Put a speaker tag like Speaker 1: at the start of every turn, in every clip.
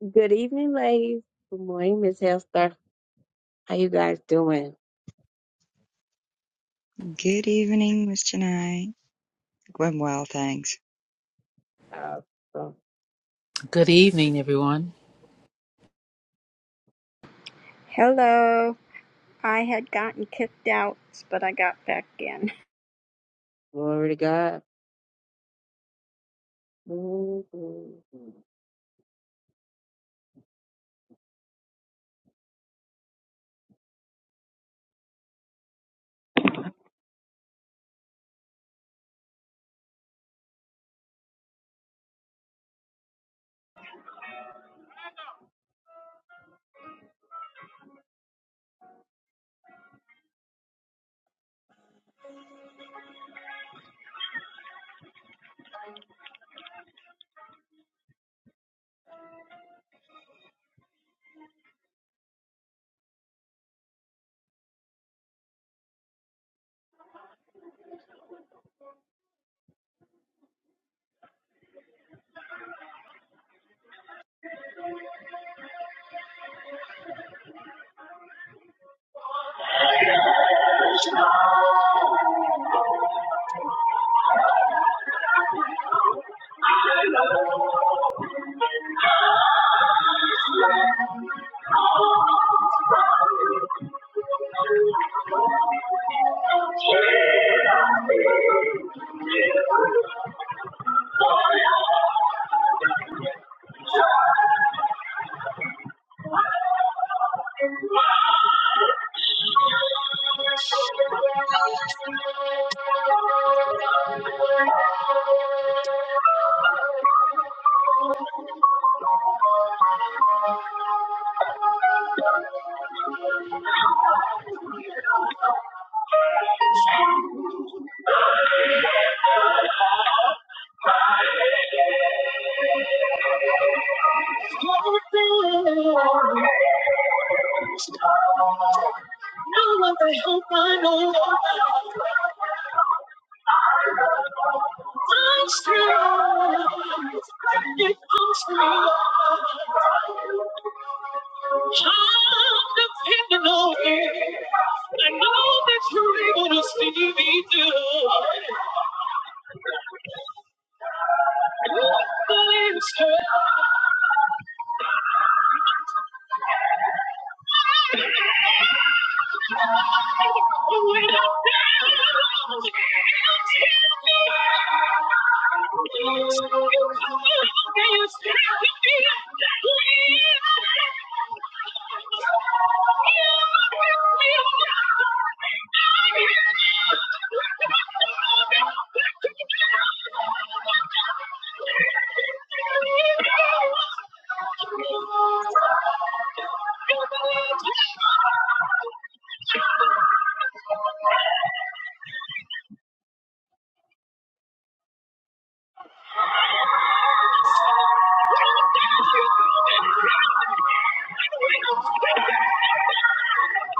Speaker 1: Good evening, ladies. Good morning, Miss Hester. How you guys doing?
Speaker 2: Good evening, Mr. Nye. I'm well, thanks.
Speaker 1: Awesome.
Speaker 3: Good evening, everyone.
Speaker 4: Hello. I had gotten kicked out, but I got back in.
Speaker 1: Glory to God. Mhm. Now I hope I know I'm strong. If I'm strong, I'm depending on you. I know that you're able to see me through.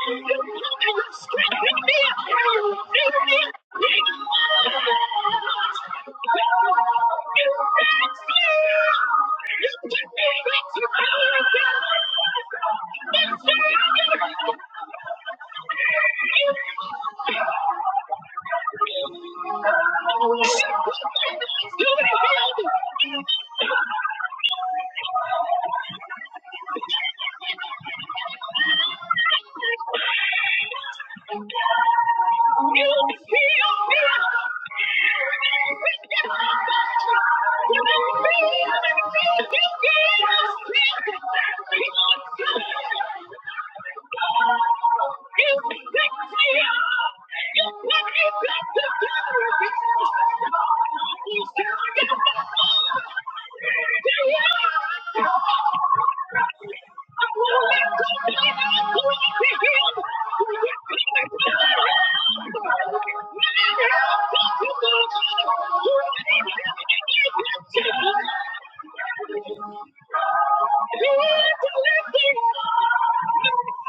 Speaker 1: You're gonna scream at me, at me, at me! You're gonna scream at me, at me, at me! Thank you. You me. me. up. You pick me up. You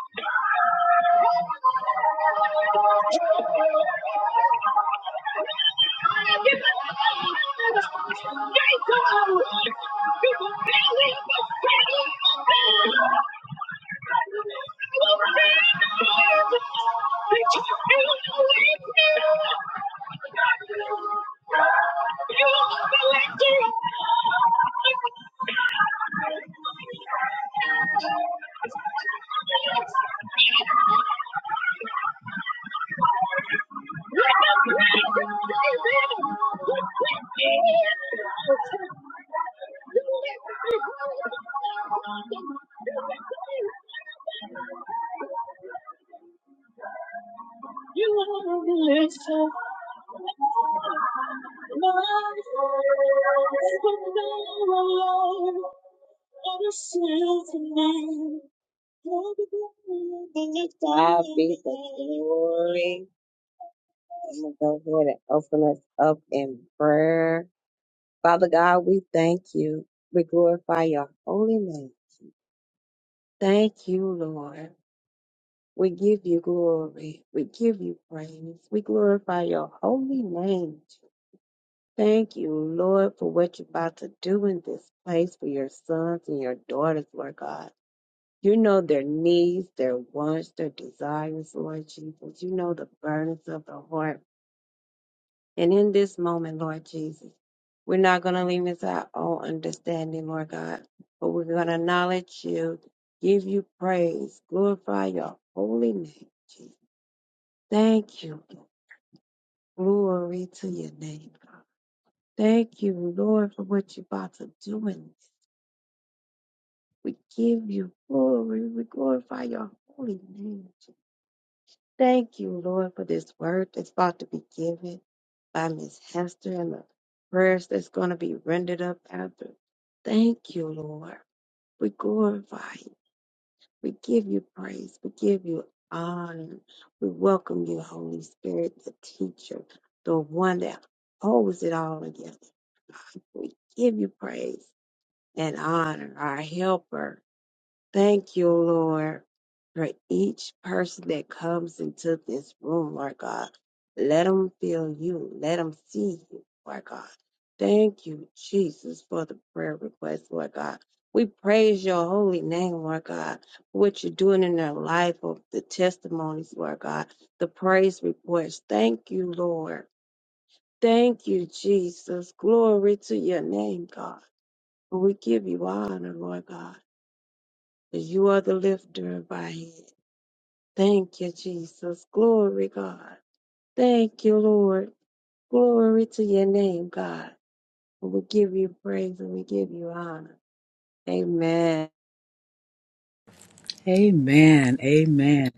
Speaker 1: Thank you. You are the legend. God be the glory. I'm going to go ahead and open us up in prayer. Father God, we thank you. We glorify your holy name. Thank you, Lord. We give you glory. We give you praise. We glorify your holy name. Thank you, Lord, for what you're about to do in this place for your sons and your daughters, Lord God. You know their needs, their wants, their desires, Lord Jesus. You know the burdens of the heart. And in this moment, Lord Jesus, we're not going to lean into our own understanding, Lord God, but we're going to acknowledge you, give you praise, glorify your holy name, Jesus. Thank you. Glory to your name, God. Thank you, Lord, for what you're about to do in this. We give you glory. We glorify your holy name. Thank you, Lord, for this word that's about to be given by Miss Hester and the prayers that's going to be rendered up after. Thank you, Lord. We glorify you. We give you praise. We give you honor. We welcome you, Holy Spirit, the teacher, the one that holds it all together. We give you praise and honor, our helper. Thank you, Lord, for each person that comes into this room, Lord God. Let them feel you. Let them see you, Lord God. Thank you, Jesus, for the prayer request, Lord God. We praise your holy name, Lord God, for what you're doing in their life, of the testimonies, Lord God, the praise reports. Thank you, Lord. Thank you, Jesus. Glory to your name, God. We give you honor, Lord God. You are the lifter of my head. Thank you, Jesus. Glory, God. Thank you, Lord. Glory to your name, God. And we give you praise and we give you honor. Amen.
Speaker 3: Amen. Amen.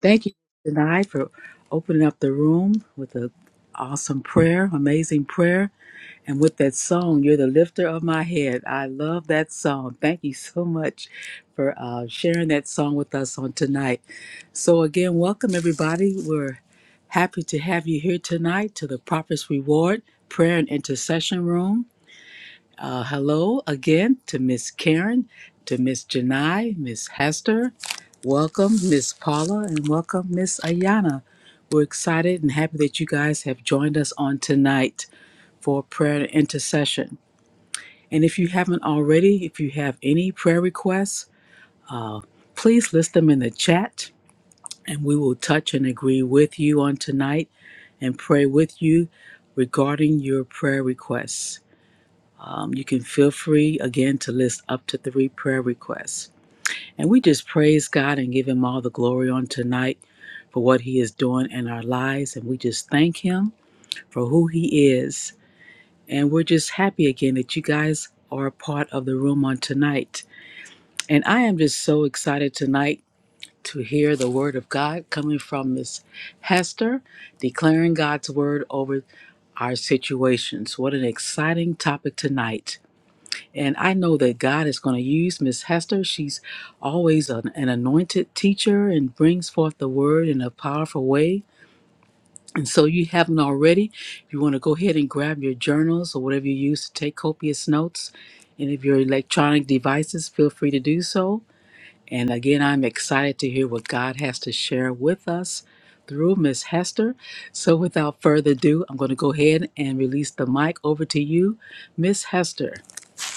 Speaker 3: Thank you tonight for opening up the room with an awesome prayer, amazing prayer, and with that song, You're the Lifter of My Head. I love that song. Thank you so much for uh, sharing that song with us on tonight. So, again, welcome, everybody. We're happy to have you here tonight to the Prophet's Reward Prayer and Intercession Room. Uh, hello again to Miss Karen, to Miss Janai, Miss Hester. Welcome, Miss Paula, and welcome, Miss Ayana. We're excited and happy that you guys have joined us on tonight for prayer and intercession. And if you haven't already, if you have any prayer requests, please list them in the chat and we will touch and agree with you on tonight and pray with you regarding your prayer requests. Um, you can feel free again to list up to three prayer requests. And we just praise God and give Him all the glory on tonight for what He is doing in our lives. And we just thank Him for who He is. And we're just happy again that you guys are a part of the room on tonight. And I am just so excited tonight to hear the Word of God coming from Miss Hester, declaring God's Word over our situations. What an exciting topic tonight. And I know that God is going to use Miss Hester. She's always an, an anointed teacher and brings forth the word in a powerful way. And so, you haven't already, you want to go ahead and grab your journals or whatever you use to take copious notes. And if your electronic devices, feel free to do so. And again, I'm excited to hear what God has to share with us through Miss Hester. So, without further ado, I'm going to go ahead and release the mic over to you, Miss Hester.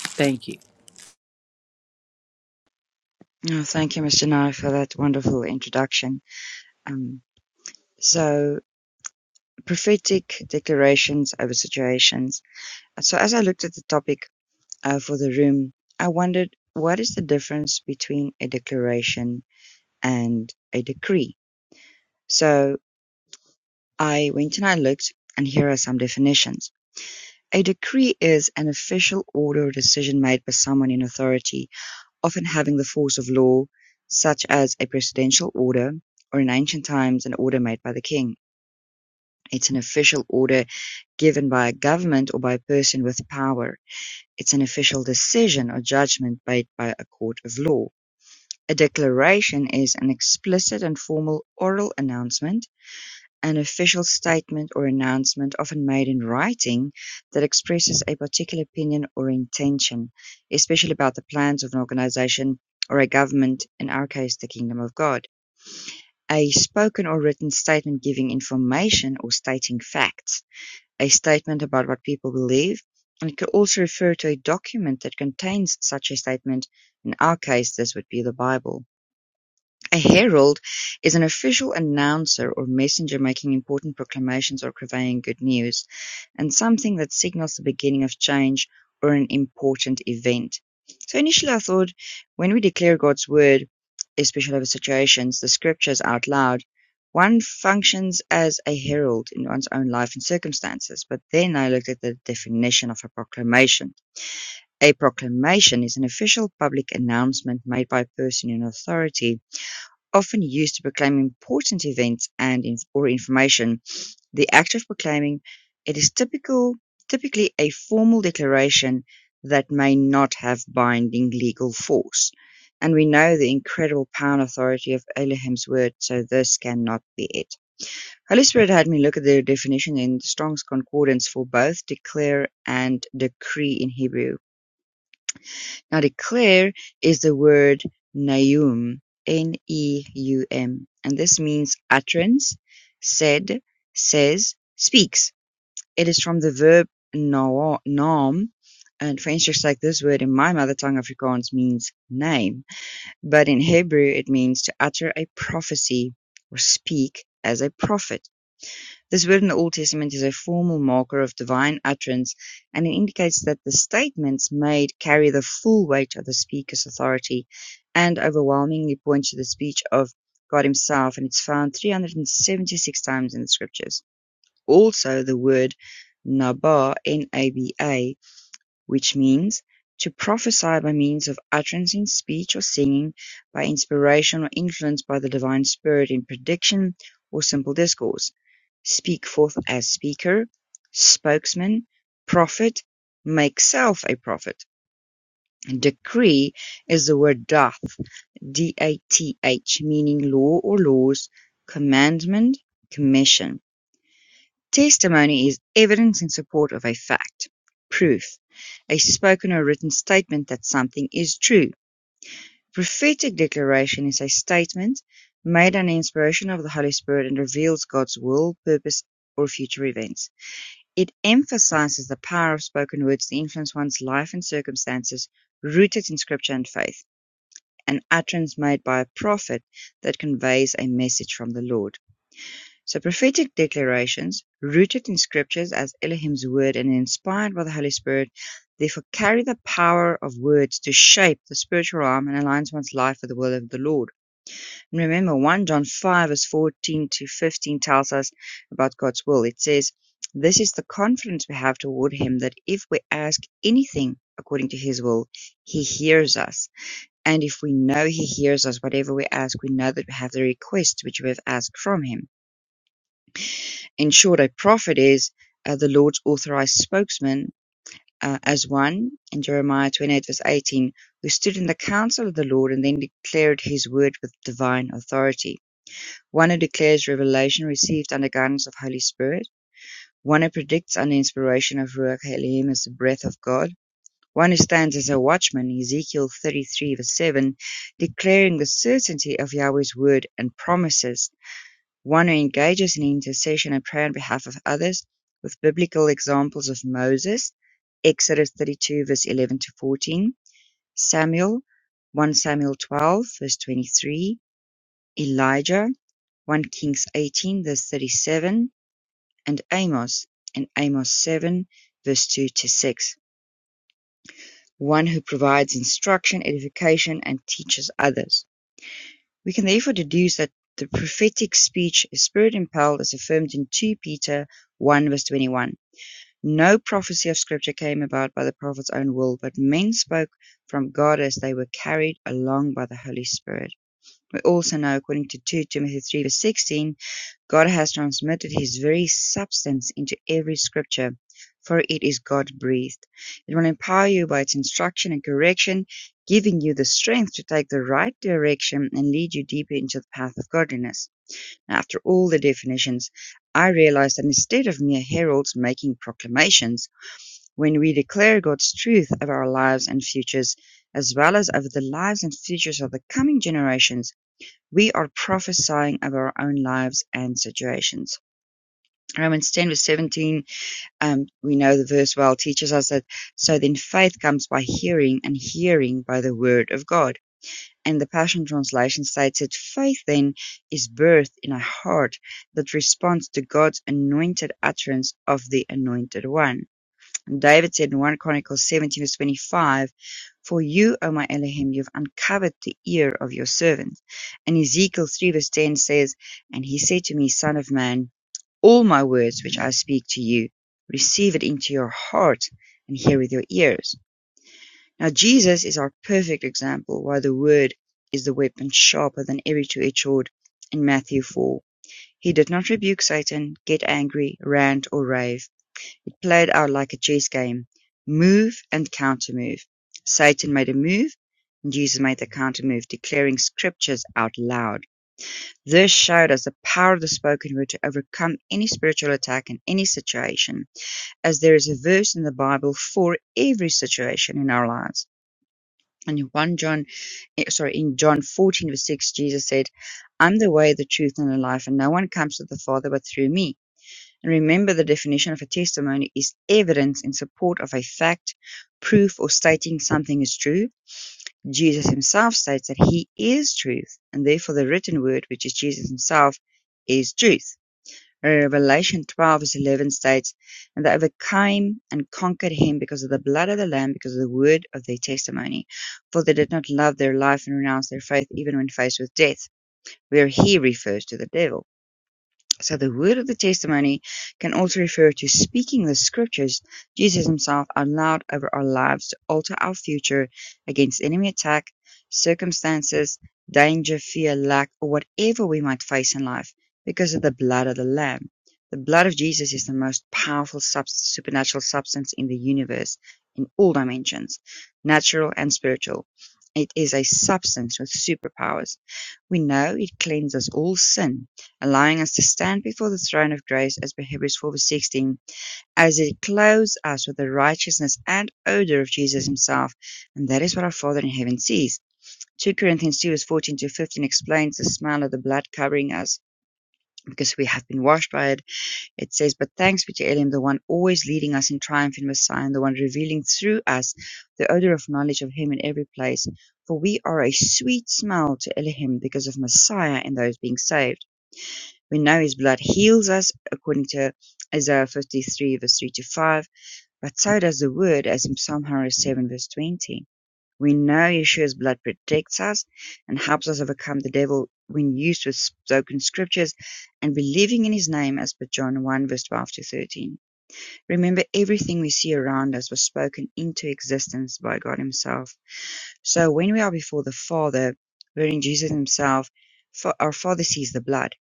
Speaker 3: Thank you.
Speaker 2: Oh, thank you, Mr. Nye, for that wonderful introduction. Um, so, prophetic declarations over situations. So, as I looked at the topic uh, for the room, I wondered what is the difference between a declaration and a decree? So, I went and I looked, and here are some definitions. A decree is an official order or decision made by someone in authority often having the force of law, such as a presidential order, or in ancient times, an order made by the king. It's an official order given by a government or by a person with power. It's an official decision or judgment made by a court of law. A declaration is an explicit and formal oral announcement an official statement or announcement, often made in writing, that expresses a particular opinion or intention, especially about the plans of an organization or a government, in our case, the Kingdom of God. A spoken or written statement giving information or stating facts. A statement about what people believe. And it could also refer to a document that contains such a statement. In our case, this would be the Bible. A herald is an official announcer or messenger making important proclamations or conveying good news, and something that signals the beginning of change or an important event. So initially, I thought when we declare God's word, especially over situations, the scriptures out loud, one functions as a herald in one's own life and circumstances. But then I looked at the definition of a proclamation. A proclamation is an official public announcement made by a person in authority often used to proclaim important events and inf- or information. The act of proclaiming it is typical, typically a formal declaration that may not have binding legal force. And we know the incredible power and authority of Elohim's word, so this cannot be it. Holy Spirit had me look at the definition in Strong's Concordance for both declare and decree in Hebrew now the "clare" is the word "neum", N-E-U-M, and this means utterance, said, says, speaks. It is from the verb "naam" and for instance, like this word in my mother tongue Afrikaans means name, but in Hebrew it means to utter a prophecy or speak as a prophet. This word in the Old Testament is a formal marker of divine utterance, and it indicates that the statements made carry the full weight of the speaker's authority and overwhelmingly points to the speech of God Himself, and it's found 376 times in the scriptures. Also, the word Naba, N-A-B-A, which means "to prophesy by means of utterance in speech or singing, by inspiration or influence by the divine Spirit in prediction or simple discourse, speak forth as speaker, spokesman, prophet, make self a prophet." Decree is the word dath, D-A-T-H, meaning law or laws, commandment, commission. Testimony is evidence in support of a fact. Proof: a spoken or written statement that something is true. Prophetic declaration is a statement made under inspiration of the Holy Spirit and reveals God's will, purpose, or future events. It emphasizes the power of spoken words to influence one's life and circumstances, rooted in Scripture and faith. An utterance made by a prophet that conveys a message from the Lord. So prophetic declarations, rooted in scriptures as Elohim's word and inspired by the Holy Spirit, therefore carry the power of words to shape the spiritual realm and aligns one's life with the will of the Lord. And remember, 1 John 5 verse 14 to 15 tells us about God's will. It says, This is the confidence we have toward him that if we ask anything according to his will, he hears us. And if we know he hears us, whatever we ask, we know that we have the request which we have asked from him in short, a prophet is uh, the Lord's authorized spokesman uh, as one in Jeremiah 28, verse 18, who stood in the counsel of the Lord and then declared his word with divine authority. One who declares revelation received under guidance of Holy Spirit. One who predicts under inspiration of Ruach Elohim as the breath of God. One who stands as a watchman, Ezekiel 33, verse 7, declaring the certainty of Yahweh's word and promises one who engages in intercession and prayer on behalf of others with biblical examples of Moses, Exodus 32, verse 11 to 14, Samuel, 1 Samuel 12, verse 23, Elijah, 1 Kings 18, verse 37, and Amos, and Amos 7, verse 2 to 6. One who provides instruction, edification, and teaches others. We can therefore deduce that the prophetic speech is spirit-impelled as affirmed in 2 Peter 1 verse 21. No prophecy of scripture came about by the prophet's own will, but men spoke from God as they were carried along by the Holy Spirit. We also know according to 2 Timothy 3 verse 16 God has transmitted his very substance into every scripture, for it is God-breathed. It will empower you by its instruction and correction, giving you the strength to take the right direction and lead you deeper into the path of godliness. After all the definitions, I realized that instead of mere heralds making proclamations, when we declare God's truth of our lives and futures, as well as over the lives and futures of the coming generations, we are prophesying of our own lives and situations. Romans 10, verse 17, um, we know the verse well, teaches us that so then faith comes by hearing, and hearing by the word of God. And the Passion Translation states that faith then is birthed in a heart that responds to God's anointed utterance of the Anointed One. And David said in 1 Chronicles 17, verse 25, For you, O my Elohim, you've uncovered the ear of your servant. And Ezekiel 3, verse 10 says, And he said to me, Son of man, all my words which I speak to you, receive it into your heart and hear with your ears. Now, Jesus is our perfect example why the word is the weapon sharper than every two edged sword in Matthew 4. He did not rebuke Satan, get angry, rant, or rave. It played out like a chess game: move and countermove. Satan made a move, and Jesus made the countermove, declaring scriptures out loud. This showed us the power of the spoken word to overcome any spiritual attack in any situation, as there is a verse in the Bible for every situation in our lives. And in 1 John, eh, sorry, in John 14 verse 6, Jesus said, I'm the way, the truth, and the life, and no one comes to the Father but through me. And Remember the definition of a testimony is evidence in support of a fact, proof or stating something is true. Jesus himself states that he is truth, and therefore the written word, which is Jesus himself, is truth. Revelation 12 verse 11 states, And they overcame and conquered him because of the blood of the Lamb, because of the word of their testimony. For they did not love their life and renounce their faith even when faced with death, where he refers to the devil. So the word of the testimony can also refer to speaking the scriptures Jesus himself out loud over our lives to alter our future against enemy attack, circumstances, danger, fear, lack, or whatever we might face in life because of the blood of the Lamb. The blood of Jesus is the most powerful subs- supernatural substance in the universe in all dimensions, natural and spiritual. It is a substance with superpowers we know it cleanses all sin, allowing us to stand before the throne of grace, as per Hebrews four verse sixteen, as it clothes us with the righteousness and odor of Jesus himself, and that is what our Father in heaven sees. 2 Corinthians 2 verse 14 to 15 explains the smell of the blood covering us because we have been washed by it it says, But thanks be to Elohim, the one always leading us in triumph in Messiah, and the one revealing through us the odor of knowledge of Him in every place. For we are a sweet smell to Elohim because of Messiah and those being saved. We know His blood heals us, according to Isaiah 53, verse 3 to 5, but so does the Word, as in Psalm 107, verse 20. We know Yeshua's blood protects us and helps us overcome the devil when used with spoken scriptures and believing in his name as per John 1 verse 12 to 13. Remember everything we see around us was spoken into existence by God himself. So when we are before the Father, wherein Jesus himself, for our Father sees the blood,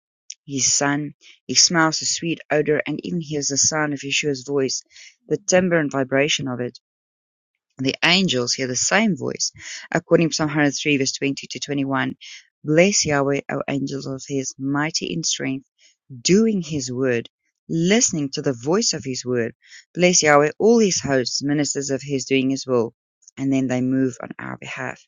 Speaker 2: his Son, he smells the sweet odor and even hears the sound of Yeshua's voice, the timbre and vibration of it. The angels hear the same voice. According to Psalm 103, verse 20 to 21, Bless Yahweh, O angels of his, mighty in strength, doing his word, listening to the voice of his word. Bless Yahweh, all his hosts, ministers of his, doing his will. And then they move on our behalf.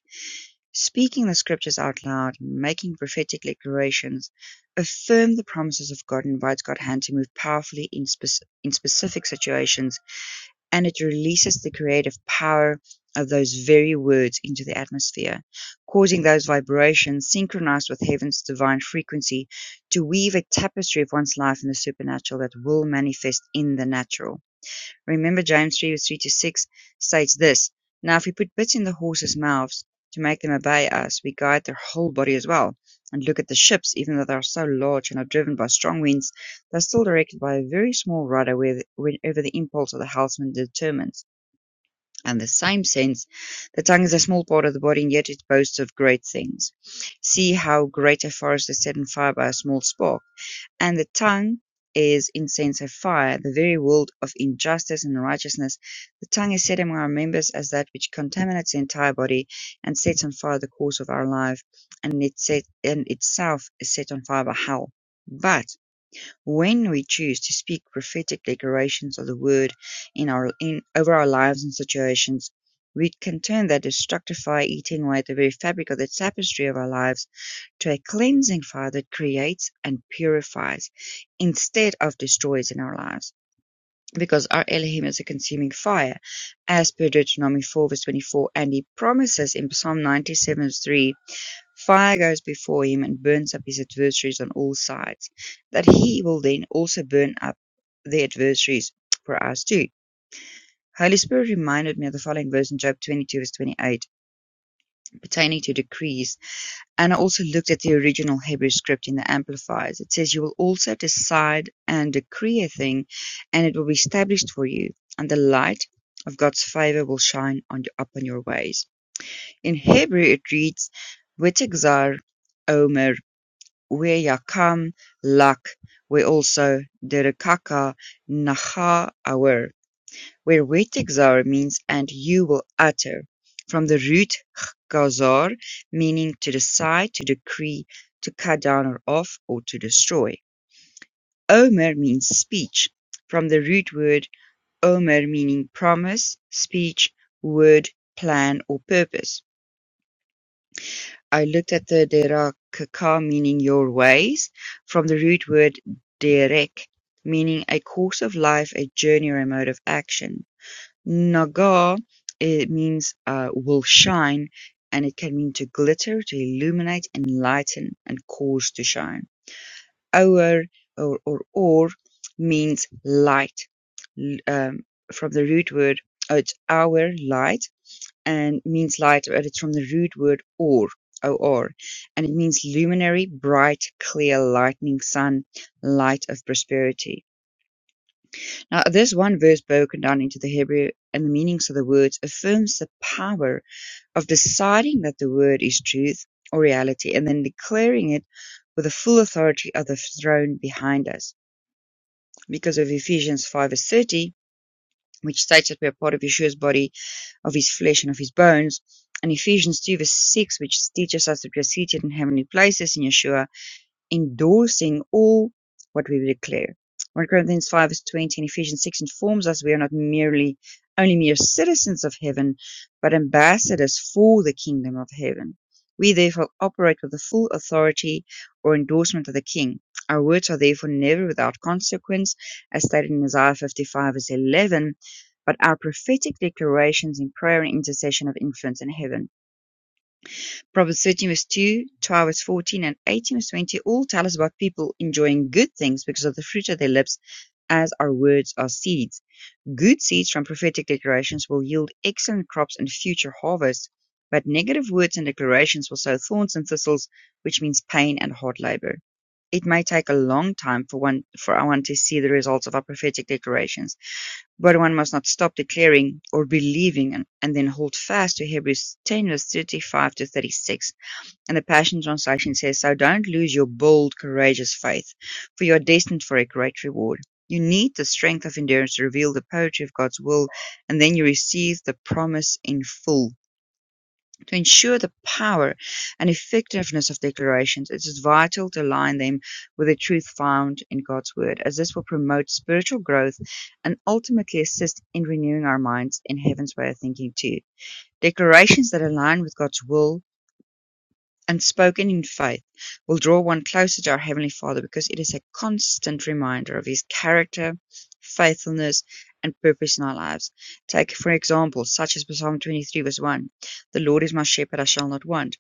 Speaker 2: Speaking the scriptures out loud, making prophetic declarations, affirm the promises of God, and invites God's hand to move powerfully in, spec- in specific situations and it releases the creative power of those very words into the atmosphere, causing those vibrations synchronized with heaven's divine frequency to weave a tapestry of one's life in the supernatural that will manifest in the natural. Remember James three verse 3 to 6 states this, Now if we put bits in the horses' mouths to make them obey us, we guide their whole body as well. And look at the ships, even though they are so large and are driven by strong winds, they are still directed by a very small rudder where the- whenever the impulse of the helmsman determines. And the same sense, the tongue is a small part of the body, and yet it boasts of great things. See how great a forest is set on fire by a small spark. And the tongue is incense of fire, the very world of injustice and righteousness. The tongue is set among our members as that which contaminates the entire body and sets on fire the course of our life, and, it set, and itself is set on fire by hell. But when we choose to speak prophetic declarations of the word in our in over our lives and situations, we can turn that destructive fire eating away at the very fabric of the tapestry of our lives to a cleansing fire that creates and purifies instead of destroys in our lives. Because our Elohim is a consuming fire, as per Deuteronomy 4 verse 24, and he promises in Psalm 97 verse 3 Fire goes before him and burns up his adversaries on all sides, that he will then also burn up the adversaries for us too. Holy Spirit reminded me of the following verse in Job 22, verse 28, pertaining to decrees. And I also looked at the original Hebrew script in the Amplifiers. It says, You will also decide and decree a thing, and it will be established for you, and the light of God's favor will shine on you, upon your ways. In Hebrew, it reads, Wetexar Omer Weyakam Lak were also "Derukaka Nahaawar" where "Wetigzar" means "and you will utter", from the root "gazar" meaning "to decide, to decree, to cut down or off, or to destroy". "Omer" means "speech", from the root word "omer" meaning "promise", "speech", "word", "plan" or "purpose". I looked at the "derakaka" meaning "your ways", from the root word derek, meaning a course of life, a journey, or a mode of action. "Nagah" it means uh, will shine, and it can mean to glitter, to illuminate, enlighten, and cause to shine. Oer or or, or means light, l- um, from the root word. Oh, it's our light and means light, but it's from the root word or, O-R, and it means luminary, bright, clear, lightning, sun, light of prosperity. Now, this one verse broken down into the Hebrew and the meanings of the words affirms the power of deciding that the word is truth or reality and then declaring it with the full authority of the throne behind us. Because of Ephesians 5 verse 30, which states that we are part of Yeshua's body of his flesh and of his bones. And Ephesians 2 verse 6, which teaches us that we are seated in heavenly places in Yeshua, endorsing all what we declare. 1 Corinthians 5 verse 20 and Ephesians 6 informs us we are not merely only mere citizens of heaven, but ambassadors for the kingdom of heaven. We therefore operate with the full authority or endorsement of the king. Our words are therefore never without consequence, as stated in Isaiah 55 verse 11, but our prophetic declarations in prayer and intercession have influence in heaven. Proverbs 13 verse 2, 12 verse 14, and 18 verse 20 all tell us about people enjoying good things because of the fruit of their lips, as our words are seeds. Good seeds from prophetic declarations will yield excellent crops and future harvests, but negative words and declarations will sow thorns and thistles, which means pain and hard labor. It may take a long time for one for one to see the results of our prophetic declarations, but one must not stop declaring or believing and, and then hold fast to Hebrews 10 verse 35 to 36 and the Passion Translation says, So don't lose your bold, courageous faith, for you are destined for a great reward. You need the strength of endurance to reveal the poetry of God's will, and then you receive the promise in full. To ensure the power and effectiveness of declarations, it is vital to align them with the truth found in God's Word, as this will promote spiritual growth and ultimately assist in renewing our minds in heaven's way of thinking, too. Declarations that align with God's will and spoken in faith will draw one closer to our Heavenly Father because it is a constant reminder of His character, faithfulness, and purpose in our lives. Take, for example, such as Psalm 23, verse 1 The Lord is my shepherd, I shall not want.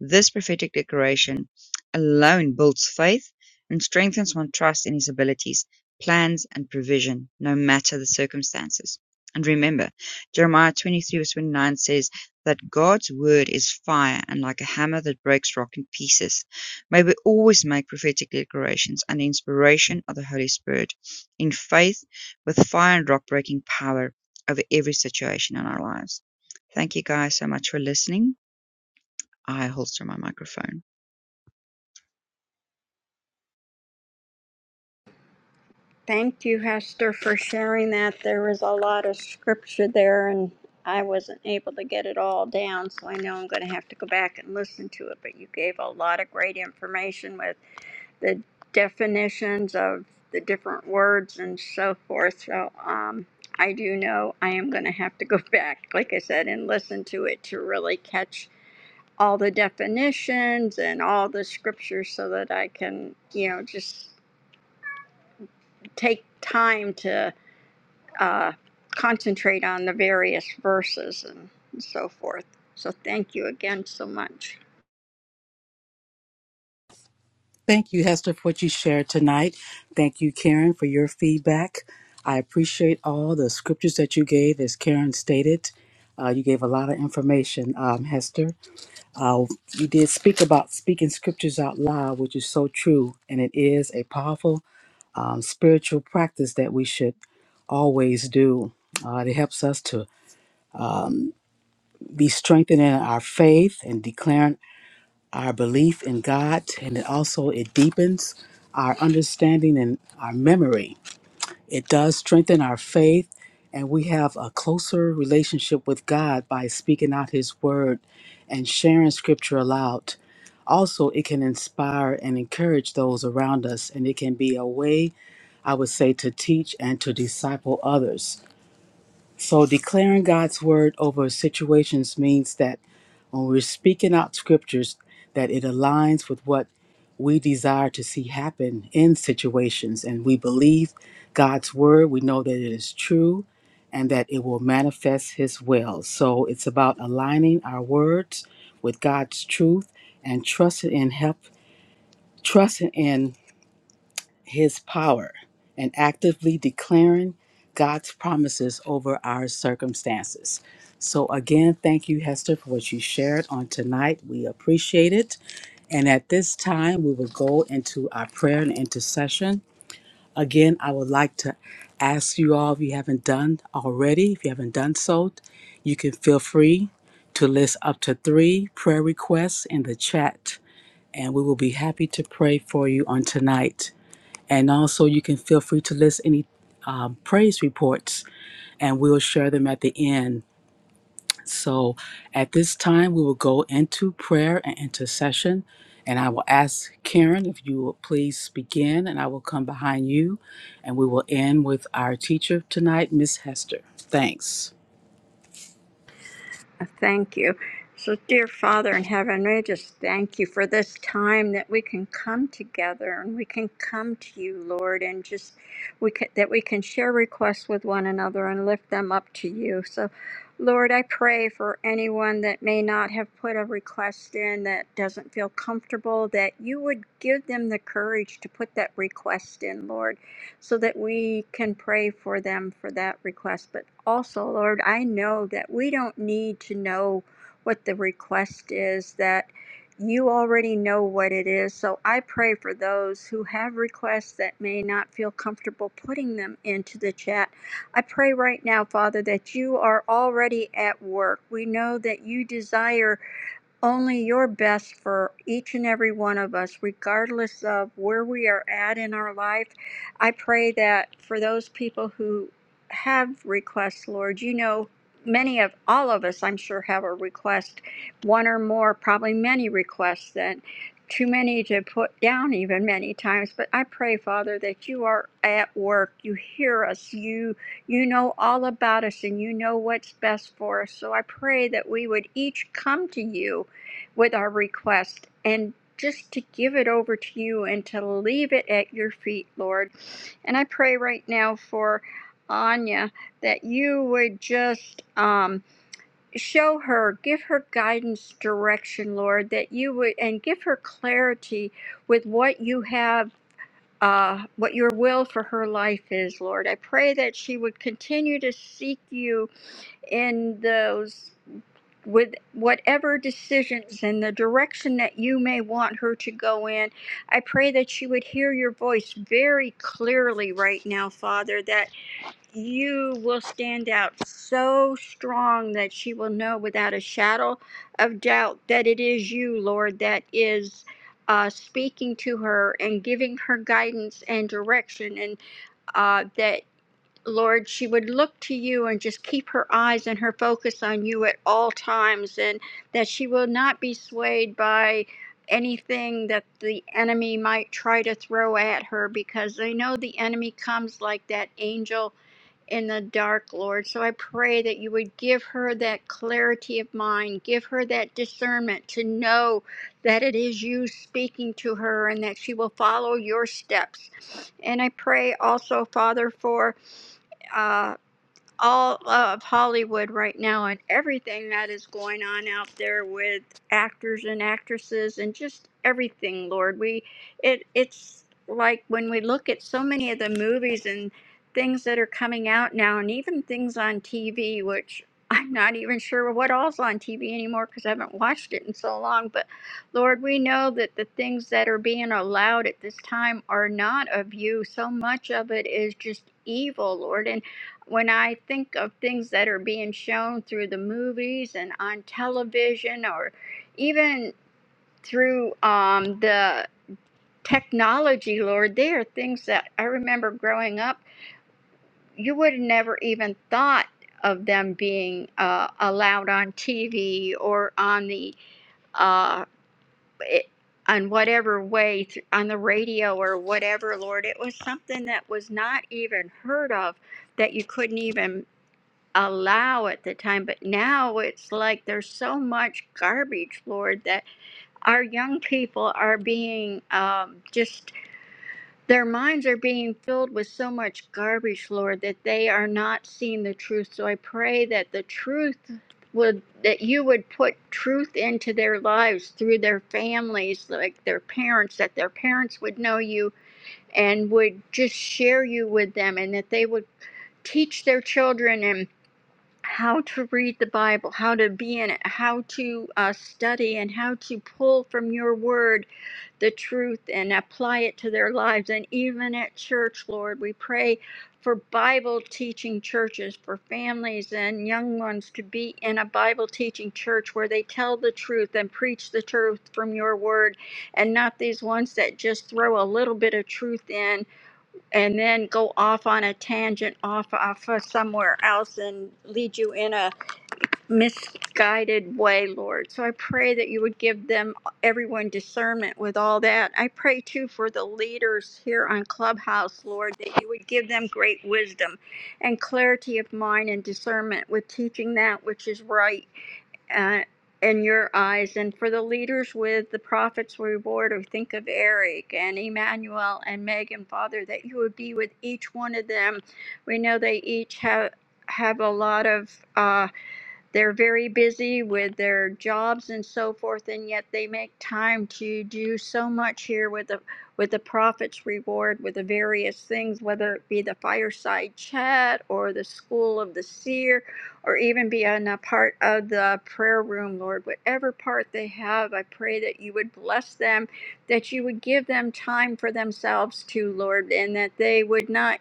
Speaker 2: This prophetic declaration alone builds faith and strengthens one's trust in His abilities, plans, and provision, no matter the circumstances. And remember, Jeremiah 23, verse 29 says, that God's word is fire and like a hammer that breaks rock in pieces. May we always make prophetic declarations under inspiration of the Holy Spirit in faith with fire and rock breaking power over every situation in our lives. Thank you guys so much for listening. I holster my microphone.
Speaker 4: Thank you, Hester, for sharing that. There was a lot of scripture there, and I wasn't able to get it all down, so I know I'm going to have to go back and listen to it. But you gave a lot of great information with the definitions of the different words and so forth. So, um, I do know I am going to have to go back, like I said, and listen to it to really catch all the definitions and all the scriptures so that I can, you know, just take time to uh, concentrate on the various verses and so forth. So thank you again so much.
Speaker 3: Thank you, Hester, for what you shared tonight. Thank you, Karen, for your feedback. I appreciate all the scriptures that you gave, as Karen stated. Uh, you gave a lot of information, um, Hester. Uh, you did speak about speaking scriptures out loud, which is so true, and it is a powerful um, spiritual practice that we should always do. Uh, it helps us to be strengthened in our faith and declaring our belief in God, and it also it deepens our understanding and our memory. It does strengthen our faith, and we have a closer relationship with God by speaking out His word and sharing Scripture aloud. Also, it can inspire and encourage those around us, and it can be a way, I would say, to teach and to disciple others. So declaring God's word over situations means that when we're speaking out scriptures, that it aligns with what we desire to see happen in situations. And we believe God's word. We know that it is true and that it will manifest his will. So it's about aligning our words with God's truth and trusting in help, trusting in his power and actively declaring God's promises over our circumstances. So, again, thank you, Hester, for what you shared on tonight. We appreciate it. And at this time, we will go into our prayer and intercession. Again, I would like to ask you all, if you haven't done already, if you haven't done so, you can feel free to list up to three prayer requests in the chat, and we will be happy to pray for you on tonight. And also, you can feel free to list any um, praise reports, and we'll share them at the end. So, at this time, we will go into prayer and intercession. And I will ask Karen if you will please begin, and I will come behind you. And we will end with our teacher tonight, Miss Hester. Thanks.
Speaker 4: Thank you. So, dear Father in heaven, we just thank you for this time that we can come together and we can come to you, Lord, and just we can, that we can share requests with one another and lift them up to you. So, Lord, I pray for anyone that may not have put a request in that doesn't feel comfortable, that you would give them the courage to put that request in, Lord so that we can pray for them for that request. But also, Lord, I know that we don't need to know what the request is, that you already know what it is. So I pray for those who have requests that may not feel comfortable putting them into the chat. I pray right now, Father, that you are already at work. We know that you desire only your best for each and every one of us, regardless of where we are at in our life. I pray that for those people who have requests, Lord, you know, many of all of us, I'm sure, have a request, one or more, probably many requests, Then too many to put down, even many times. But I pray, Father, that you are at work. You hear us. You you know all about us and you know what's best for us. So I pray that we would each come to you with our request and just to give it over to you and to leave it at your feet, Lord. And I pray right now for Anya that you would just um, show her, give her guidance, direction, Lord, that you would, and give her clarity with what you have. Uh, what your will for her life is, Lord. I pray that she would continue to seek you in those with whatever decisions and the direction that you may want her to go in. I pray that she would hear your voice very clearly right now, Father, that you will stand out so strong that she will know without a shadow of doubt that it is you, Lord, that is. Uh, speaking to her and giving her guidance and direction, and uh, that Lord, she would look to you and just keep her eyes and her focus on you at all times, and that she will not be swayed by anything that the enemy might try to throw at her, because I know the enemy comes like that angel in the dark, Lord. So I pray that you would give her that clarity of mind, give her that discernment to know that it is you speaking to her and that she will follow your steps. And I pray also, Father, for uh, all of Hollywood right now and everything that is going on out there with actors and actresses and just everything, Lord. We it it's like when we look at so many of the movies and things that are coming out now and even things on TV which I'm not even sure what all's on TV anymore because I haven't watched it in so long. But Lord, we know that the things that are being allowed at this time are not of you. So much of it is just evil, Lord. And when I think of things that are being shown through the movies and on television or even through um, the technology, Lord, they are things that I remember growing up, you would have never even thought of them being uh, allowed on TV or on the. Uh, it, on whatever way, th- on the radio or whatever, Lord, it was something that was not even heard of, that you couldn't even allow at the time. But now it's like there's so much garbage, Lord, that our young people are being um, just, their minds are being filled with so much garbage, Lord, that they are not seeing the truth. So I pray that the truth would that you would put truth into their lives through their families like their parents that their parents would know you and would just share you with them and that they would teach their children how to read the Bible, how to be in it, how to uh, study, and how to pull from your word the truth and apply it to their lives. And even at church, Lord, we pray for Bible teaching churches, for families and young ones to be in a Bible teaching church where they tell the truth and preach the truth from your word and not these ones that just throw a little bit of truth in and then go off on a tangent off off of somewhere else and lead you in a misguided way lord so i pray that you would give them everyone discernment with all that i pray too for the leaders here on clubhouse lord that you would give them great wisdom and clarity of mind and discernment with teaching that which is right uh, in your eyes and for the leaders with the prophet's reward we think of eric and emmanuel and megan father that you would be with each one of them we know they each have have a lot of uh, they're very busy with their jobs and so forth, and yet they make time to do so much here with the with the Prophet's Reward, with the various things, whether it be the fireside chat or the School of the Seer, or even being a part of the prayer room, Lord. Whatever part they have, I pray that you would bless them, that you would give them time for themselves too, Lord, and that they would not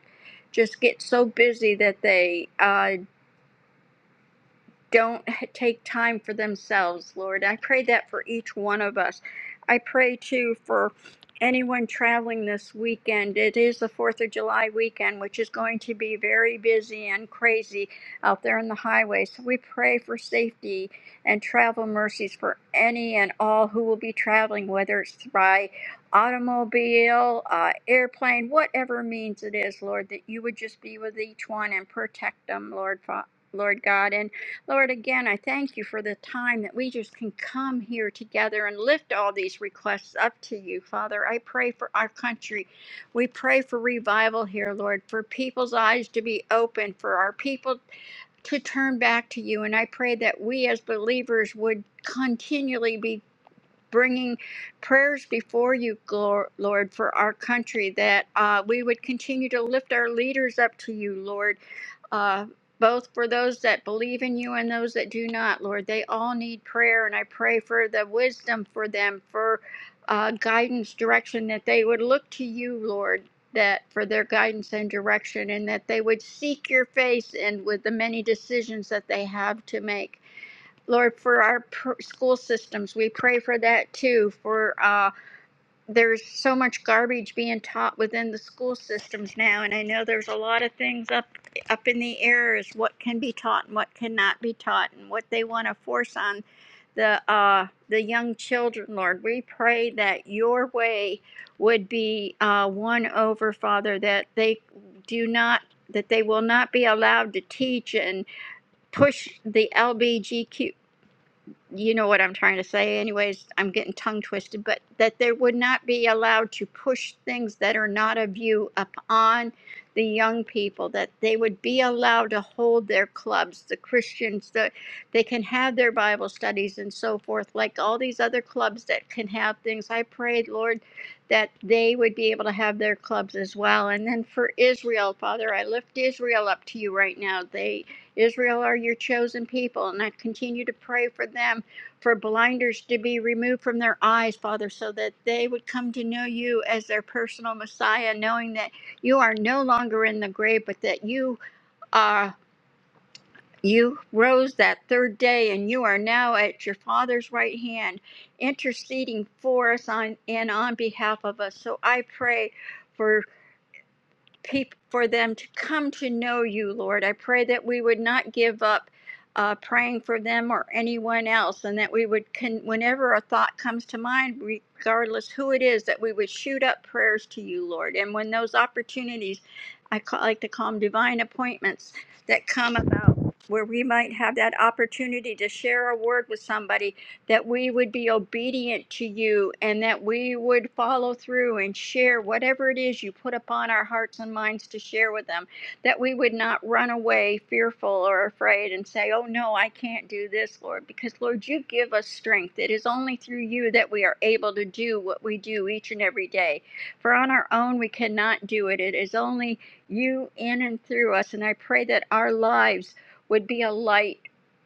Speaker 4: just get so busy that they uh, don't take time for themselves, Lord. I pray that for each one of us. I pray too for anyone traveling this weekend. It is the 4th of July weekend, which is going to be very busy and crazy out there on the highway. So we pray for safety and travel mercies for any and all who will be traveling, whether it's by automobile, uh, airplane, whatever means it is, Lord, that you would just be with each one and protect them, Lord, Fa- Lord God. And Lord, again, I thank you for the time that we just can come here together and lift all these requests up to you, Father. I pray for our country. We pray for revival here, Lord, for people's eyes to be open, for our people to turn back to you. And I pray that we as believers would continually be bringing prayers before you, Glor- Lord, for our country, that uh, we would continue to lift our leaders up to you, Lord, uh, both for those that believe in you and those that do not, Lord. They all need prayer, and I pray for the wisdom for them, for uh, guidance, direction, that they would look to you, Lord. That for their guidance and direction, and that they would seek your face and with the many decisions that they have to make. Lord, for our pr- school systems, we pray for that too. For uh, there's so much garbage being taught within the school systems now, and I know there's a lot of things up up in the air as what can be taught and what cannot be taught, and what they want to force on the uh, the young children. Lord, we pray that Your way would be uh, won over, Father, that they do not that they will not be allowed to teach and push the LBGQ you know what I'm trying to say, anyways. I'm getting tongue twisted, but that they would not be allowed to push things that are not of you upon the young people, that they would be allowed to hold their clubs, the Christians, that they can have their Bible studies and so forth, like all these other clubs that can have things. I prayed, Lord, that they would be able to have their clubs as well. And then for Israel, Father, I lift Israel up to you right now. They. Israel are your chosen people, and I continue to pray for them, for blinders to be removed from their eyes, Father, so that they would come to know you as their personal Messiah, knowing that you are no longer in the grave, but that you are. You rose that third day, and you are now at your Father's right hand, interceding for us on, and on behalf of us. So I pray for peop for them to come to know you, Lord. I pray that we would not give up uh, praying for them or anyone else, and that we would, con- whenever a thought comes to mind, regardless who it is, that we would shoot up prayers to you, Lord. And when those opportunities, I ca- like to call them divine appointments, that come about where we might have that opportunity to share a word with somebody that we would be obedient to you and that we would follow through and share whatever it is you put upon our hearts and minds to share with them, that we would not run away fearful or afraid and say, Oh no, I can't do this, Lord, because Lord, you give us strength. It is only through you that we are able to do what we do each and every day. For on our own, we cannot do it. It is only you in and through us. And I pray that our lives would be a light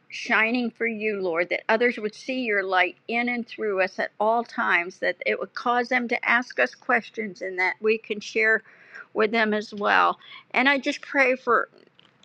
Speaker 4: shining for you, Lord, that others would see your light in and through us at all times, that it would cause them to ask us questions and that we can share with them as well. And I just pray for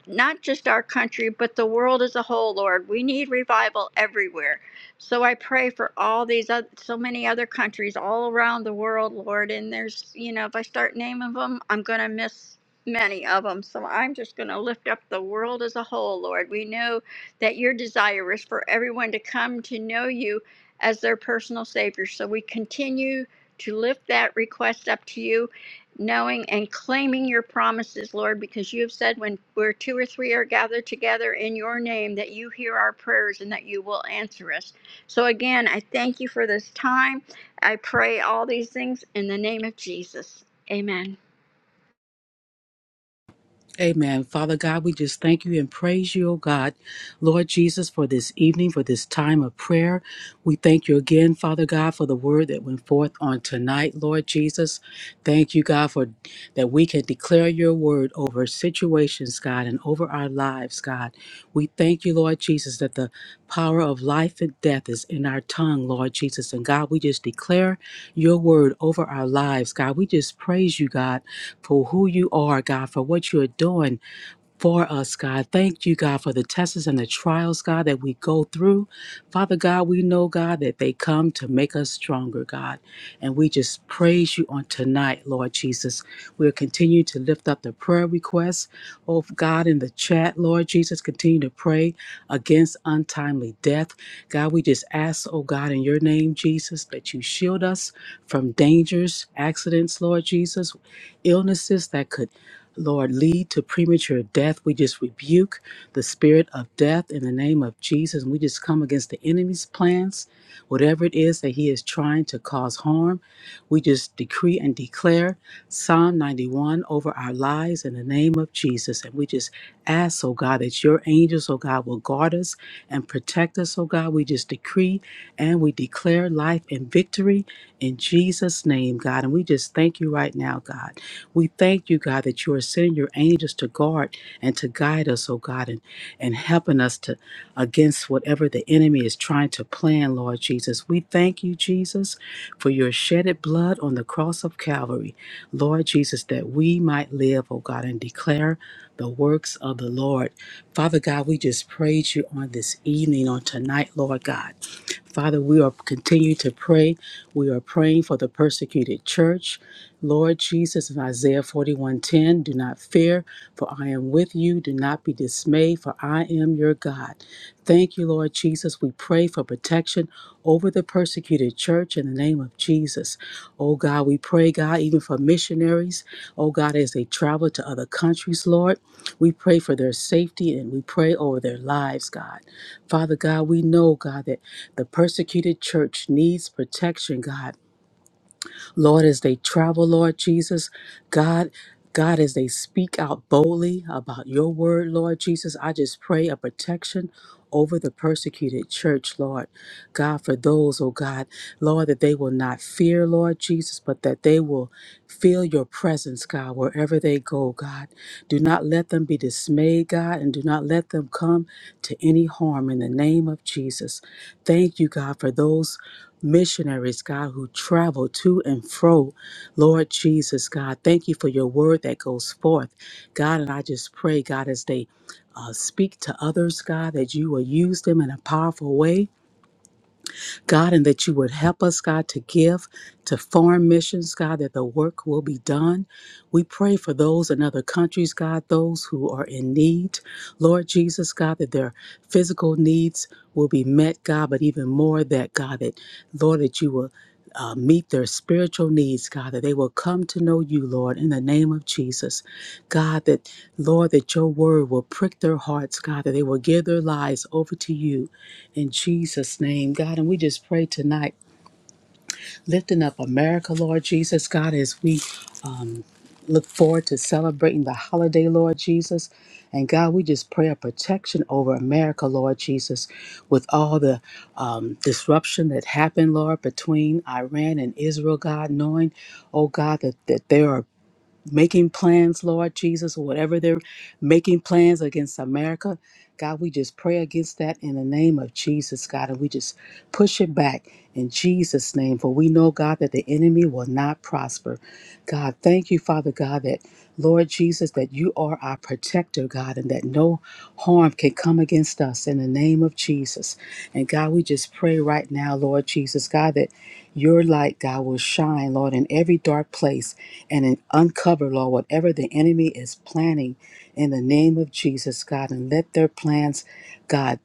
Speaker 4: not just our country, but the world as a whole, Lord. We need revival everywhere. So I pray for all these, oth- so many other countries all around the world, Lord. And there's, you know, if I start naming them, I'm going to miss many of them. So I'm just going to lift up the world as a whole, Lord. We know that your desire is for everyone to come to know you as their personal Savior. So we continue to lift that request up to you, knowing and claiming your promises, Lord, because you have said when where two or three are gathered together in your name, that you hear our prayers and that you will answer us. So again, I thank you for this time. I pray all these things in the name of Jesus. Amen.
Speaker 3: Amen. Father God, we just thank you and praise you, O God, Lord Jesus, for this evening, for this time of prayer. We thank you again, Father God, for the word that went forth on tonight, Lord Jesus. Thank you, God, for that we can declare your word over situations, God, and over our lives, God. We thank you, Lord Jesus, that the power of life and death is in our tongue, Lord Jesus. And God, we just declare your word over our lives, God. We just praise you, God for who you are, God, for what you are doing for us, God. Thank you, God, for the tests and the trials, God, that we go through. Father God, we know, God, that they come to make us stronger, God. And we just praise you on tonight, Lord Jesus. We'll continue to lift up the prayer requests. Oh, God, in the chat, Lord Jesus, continue to pray against untimely death. God, we just ask, oh God, in your name, Jesus, that you shield us from dangers, accidents, Lord Jesus, illnesses that could. Lord, lead to premature death. We just rebuke the spirit of death in the name of Jesus. And we just come against the enemy's plans Whatever it is that he is trying to cause harm, we just decree and declare Psalm 91 over our lives in the name of Jesus. And we just ask, oh God, that your angels, oh God, will guard us and protect us, oh God. We just decree and we declare life and victory in Jesus' name, God. And we just thank you right now, God. We thank you, God, that you are sending your angels to guard and to guide us, oh God, and, and helping us to against whatever the enemy is trying to plan, Lord Jesus. We thank you, Jesus, for your shedded blood on the cross of Calvary, Lord Jesus, that we might live, oh God, and declare the works of the Lord. Father God, we just praise you on this evening, on tonight, Lord God. Father, we are continue to pray. We are praying for the persecuted church. Lord Jesus, in Isaiah 41:10, do not fear, for I am with you. Do not be dismayed, for I am your God. Thank you, Lord Jesus. We pray for protection over the persecuted church in the name of Jesus. Oh God, we pray, God, even for missionaries, oh God, as they travel to other countries, Lord. We pray for their safety and we pray over their lives, God. Father God, we know, God, that the persecuted church needs protection, God. Lord, as they travel, Lord Jesus, God, God, as they speak out boldly about your word, Lord Jesus, I just pray a protection over the persecuted church, Lord. God, for those, oh God, Lord, that they will not fear, Lord Jesus, but that they will feel your presence, God, wherever they go, God. Do not let them be dismayed, God, and do not let them come to any harm in the name of Jesus. Thank you, God, for those missionaries, God, who travel to and fro. Lord Jesus, God, thank you for your word that goes forth. God, and I just pray, God, as they uh, speak to others, God, that you will use them in a powerful way. God, and that you would help us, God, to give to foreign missions, God, that the work will be done. We pray for those in other countries, God, those who are in need. Lord Jesus, God, that their physical needs will be met, God, but even more that, God, that, Lord, that you will. Uh, meet their spiritual needs, God, that they will come to know you, Lord, in the name of Jesus. God, that, Lord, that your word will prick their hearts, God, that they will give their lives over to you in Jesus' name, God, and we just pray tonight, lifting up America, Lord Jesus, God, as we um, look forward to celebrating the holiday, Lord Jesus. And God, we just pray a protection over America, Lord Jesus, with all the um, disruption that happened, Lord, between Iran and Israel, God, knowing, oh God, that, that there are making plans, Lord Jesus, or whatever they're making plans against America. God, we just pray against that in the name of Jesus, God, and we just push it back in Jesus' name. For we know, God, that the enemy will not prosper. God, thank you, Father God, that Lord Jesus, that you are our protector, God, and that no harm can come against us in the name of Jesus. And God, we just pray right now, Lord Jesus, God, that your light, God, will shine, Lord, in every dark place and in uncover, Lord, whatever the enemy is planning in the name of Jesus, God. And let their plans, God,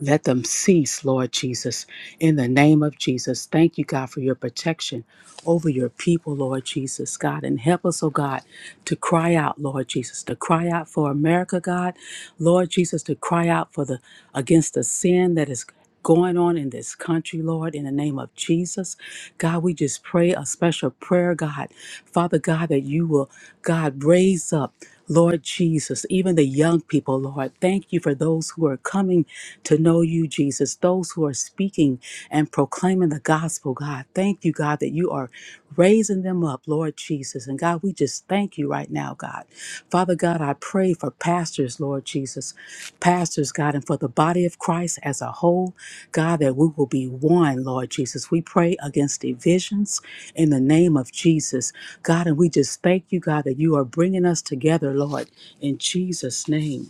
Speaker 3: let them cease, Lord Jesus, in the name of Jesus. Thank you, God, for your protection over your people, Lord Jesus, God. And help us, oh God, to cry out, Lord Jesus, to cry out for America, God. Lord Jesus, to cry out for the against the sin that is going on in this country, Lord, in the name of Jesus. God, we just pray a special prayer, God. Father God, that you will, God, raise up. Lord Jesus, even the young people, Lord, thank you for those who are coming to know you, Jesus, those who are speaking and proclaiming the gospel, God. Thank you, God, that you are raising them up, Lord Jesus. And God, we just thank you right now, God. Father God, I pray pray for pastors, Lord Jesus, pastors, God, and for the body of Christ as a whole, God, that we will be one, Lord Jesus. We pray against divisions in the name of Jesus, God, and we just thank you, God, that you are bringing us together, Lord, in Jesus' name.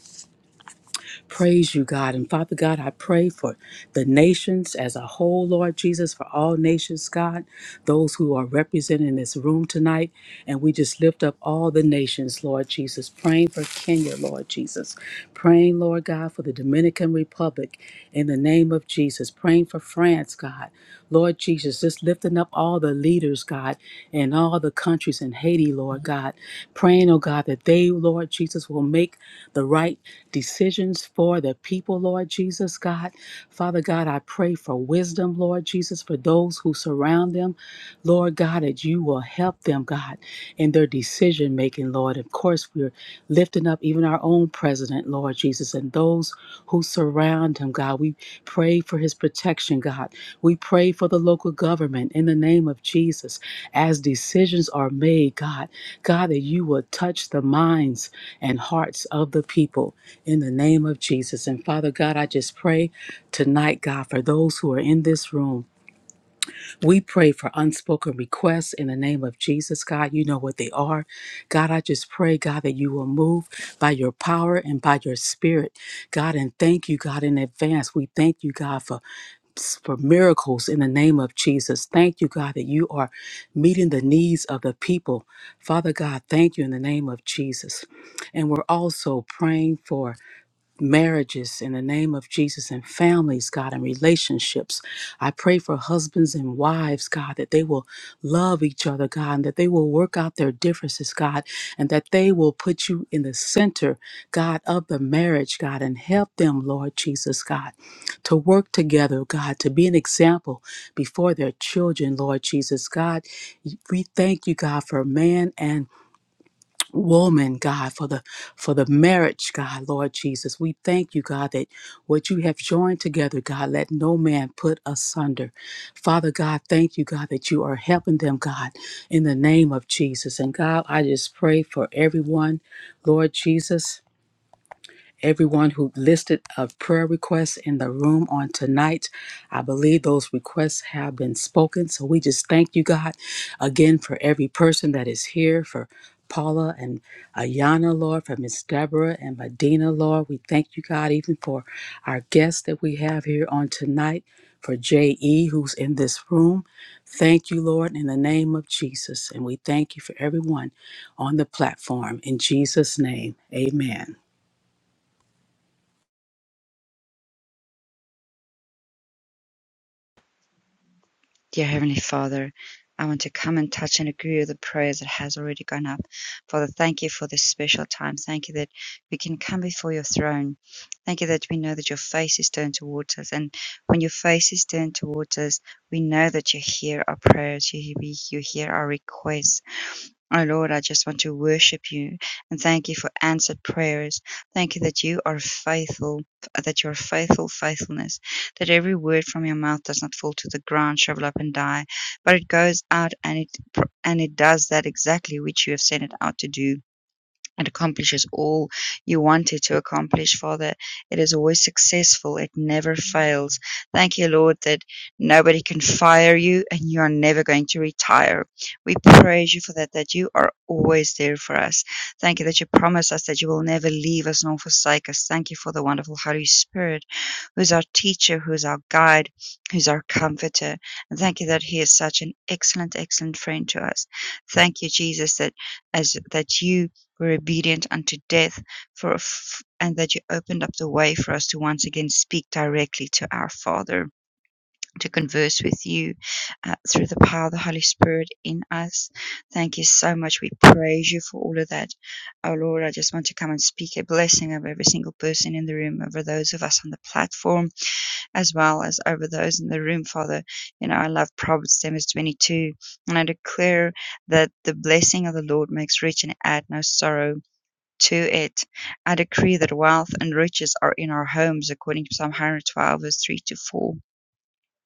Speaker 3: Praise you, God. And Father God, I pray for the nations as a whole, Lord Jesus, for all nations, God, those who are represented in this room tonight. And we just lift up all the nations, Lord Jesus, praying for Kenya, Lord Jesus, praying, Lord God, for the Dominican Republic in the name of Jesus, praying for France, God. Lord Jesus, just lifting up all the leaders, God, in all the countries in Haiti, Lord God, praying, oh God, that they, Lord Jesus, will make the right decisions for the people, Lord Jesus, God. Father God, I pray for wisdom, Lord Jesus, for those who surround them, Lord God, that you will help them, God, in their decision making, Lord. Of course, we're lifting up even our own president, Lord Jesus, and those who surround him, God. We pray for his protection, God. We pray for the local government in the name of Jesus as decisions are made, God. God, that you will touch the minds and hearts of the people in the name of Jesus. And Father God, I just pray tonight, God, for those who are in this room. We pray for unspoken requests in the name of Jesus, God. You know what they are. God, I just pray, God, that you will move by your power and by your spirit, God. And thank you, God, in advance. We thank you, God, for, for miracles in the name of Jesus. Thank you, God, that you are meeting the needs of the people. Father God, thank you in the name of Jesus. And we're also praying for marriages in the name of Jesus and families, God, and relationships. I pray for husbands and wives, God, that they will love each other, God, and that they will work out their differences, God, and that they will put you in the center, God, of the marriage, God, and help them, Lord Jesus, God, to work together, God, to be an example before their children, Lord Jesus, God. We thank you, God, for man and woman, God, for the for the marriage, God, Lord Jesus. We thank you, God, that what you have joined together, God, let no man put asunder. Father God, thank you, God, that you are helping them, God, in the name of Jesus. And God, I just pray for everyone, Lord Jesus everyone who listed a prayer request in the room on tonight. I believe those requests have been spoken. So we just thank you, God, again for every person that is here, for Paula and Ayana, Lord, for Miss Deborah and Medina, Lord. We thank you, God, even for our guests that we have here on tonight, for J.E., who's in this room. Thank you, Lord, in the name of Jesus. And we thank you for everyone on the platform. In Jesus' name, amen.
Speaker 2: Dear Heavenly Father, I want to come and touch and agree with the prayers that has already gone up. Father, thank you for this special time. Thank you that we can come before your throne. Thank you that we know that your face is turned towards us. And when your face is turned towards us, we know that you hear our prayers, you, you hear our requests. O Lord, I just want to worship you and thank you for answered prayers. Thank you that you are faithful, uh, that your faithful faithfulness, that every word from your mouth does not fall to the ground, shrivel up and die, but it goes out and it and it does that exactly which you have sent it out to do. It accomplishes all you want it to accomplish, Father. It is always successful. It never fails. Thank you, Lord, that nobody can fire you and you are never going to retire. We praise you for that, that you are always there for us. Thank you that you promise us that you will never leave us nor forsake us. Thank you for the wonderful Holy Spirit, who's our teacher, who's our guide, who's our comforter. And thank you that he is such an excellent, excellent friend to us. Thank you, Jesus, that as that you were obedient unto death for f- and that you opened up the way for us to once again speak directly to our father to converse with you uh, through the power of the holy spirit in us thank you so much we praise you for all of that oh lord i just want to come and speak a blessing over every single person in the room over those of us on the platform as well as over those in the room father you know i love proverbs 22 and i declare that the blessing of the lord makes rich and add no sorrow to it. I decree that wealth and riches are in our homes, according to Psalm 112, verse 3 to 4.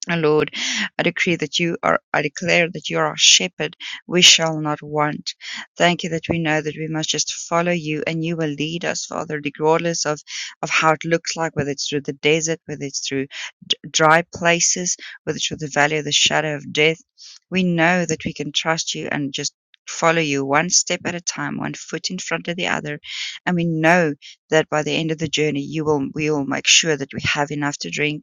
Speaker 2: And Lord, I decree that you are, I declare that you are our shepherd. We shall not want. Thank you that we know that we must just follow you and you will lead us, Father, regardless of, of how it looks like, whether it's through the desert, whether it's through d- dry places, whether it's through the valley of the shadow of death. We know that we can trust you and just follow you one step at a time, one foot in front of the other. And we know that by the end of the journey, you will, we will make sure that we have enough to drink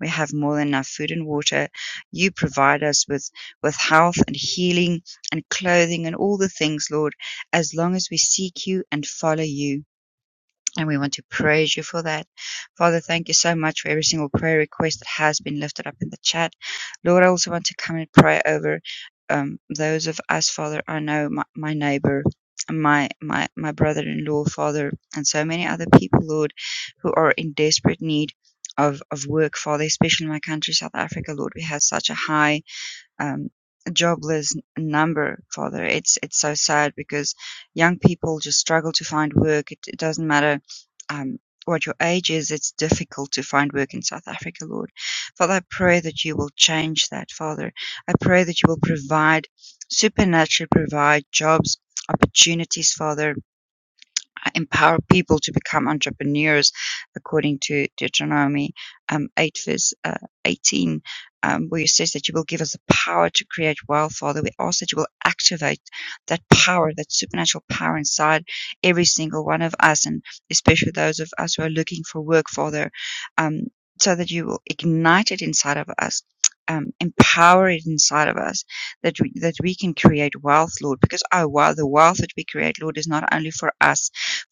Speaker 2: we have more than enough food and water. You provide us with, with health and healing and clothing and all the things, Lord, as long as we seek you and follow you. And we want to praise you for that. Father, thank you so much for every single prayer request that has been lifted up in the chat. Lord, I also want to come and pray over um, those of us, Father. I know my, my neighbor, my, my, my brother in law, Father, and so many other people, Lord, who are in desperate need. Of, of work, Father, especially in my country, South Africa, Lord, we have such a high um, jobless n- number father it's it's so sad because young people just struggle to find work it, it doesn't matter um, what your age is it's difficult to find work in south africa lord father i pray that you will change that father i pray that you will provide supernaturally provide jobs opportunities father uh, empower people to become entrepreneurs, according to Deuteronomy um, 8, verse uh, 18, um, where it says that you will give us the power to create wealth, Father. We ask that you will activate that power, that supernatural power inside every single one of us, and especially those of us who are looking for work, Father, um, so that you will ignite it inside of us. Um, empower it inside of us that we, that we can create wealth, Lord, because oh wow, the wealth that we create, Lord, is not only for us,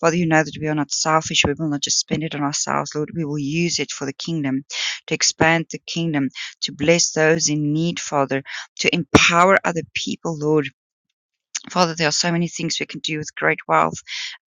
Speaker 2: Father, you know that we are not selfish. We will not just spend it on ourselves, Lord. We will use it for the kingdom, to expand the kingdom, to bless those in need, Father, to empower other people, Lord Father, there are so many things we can do with great wealth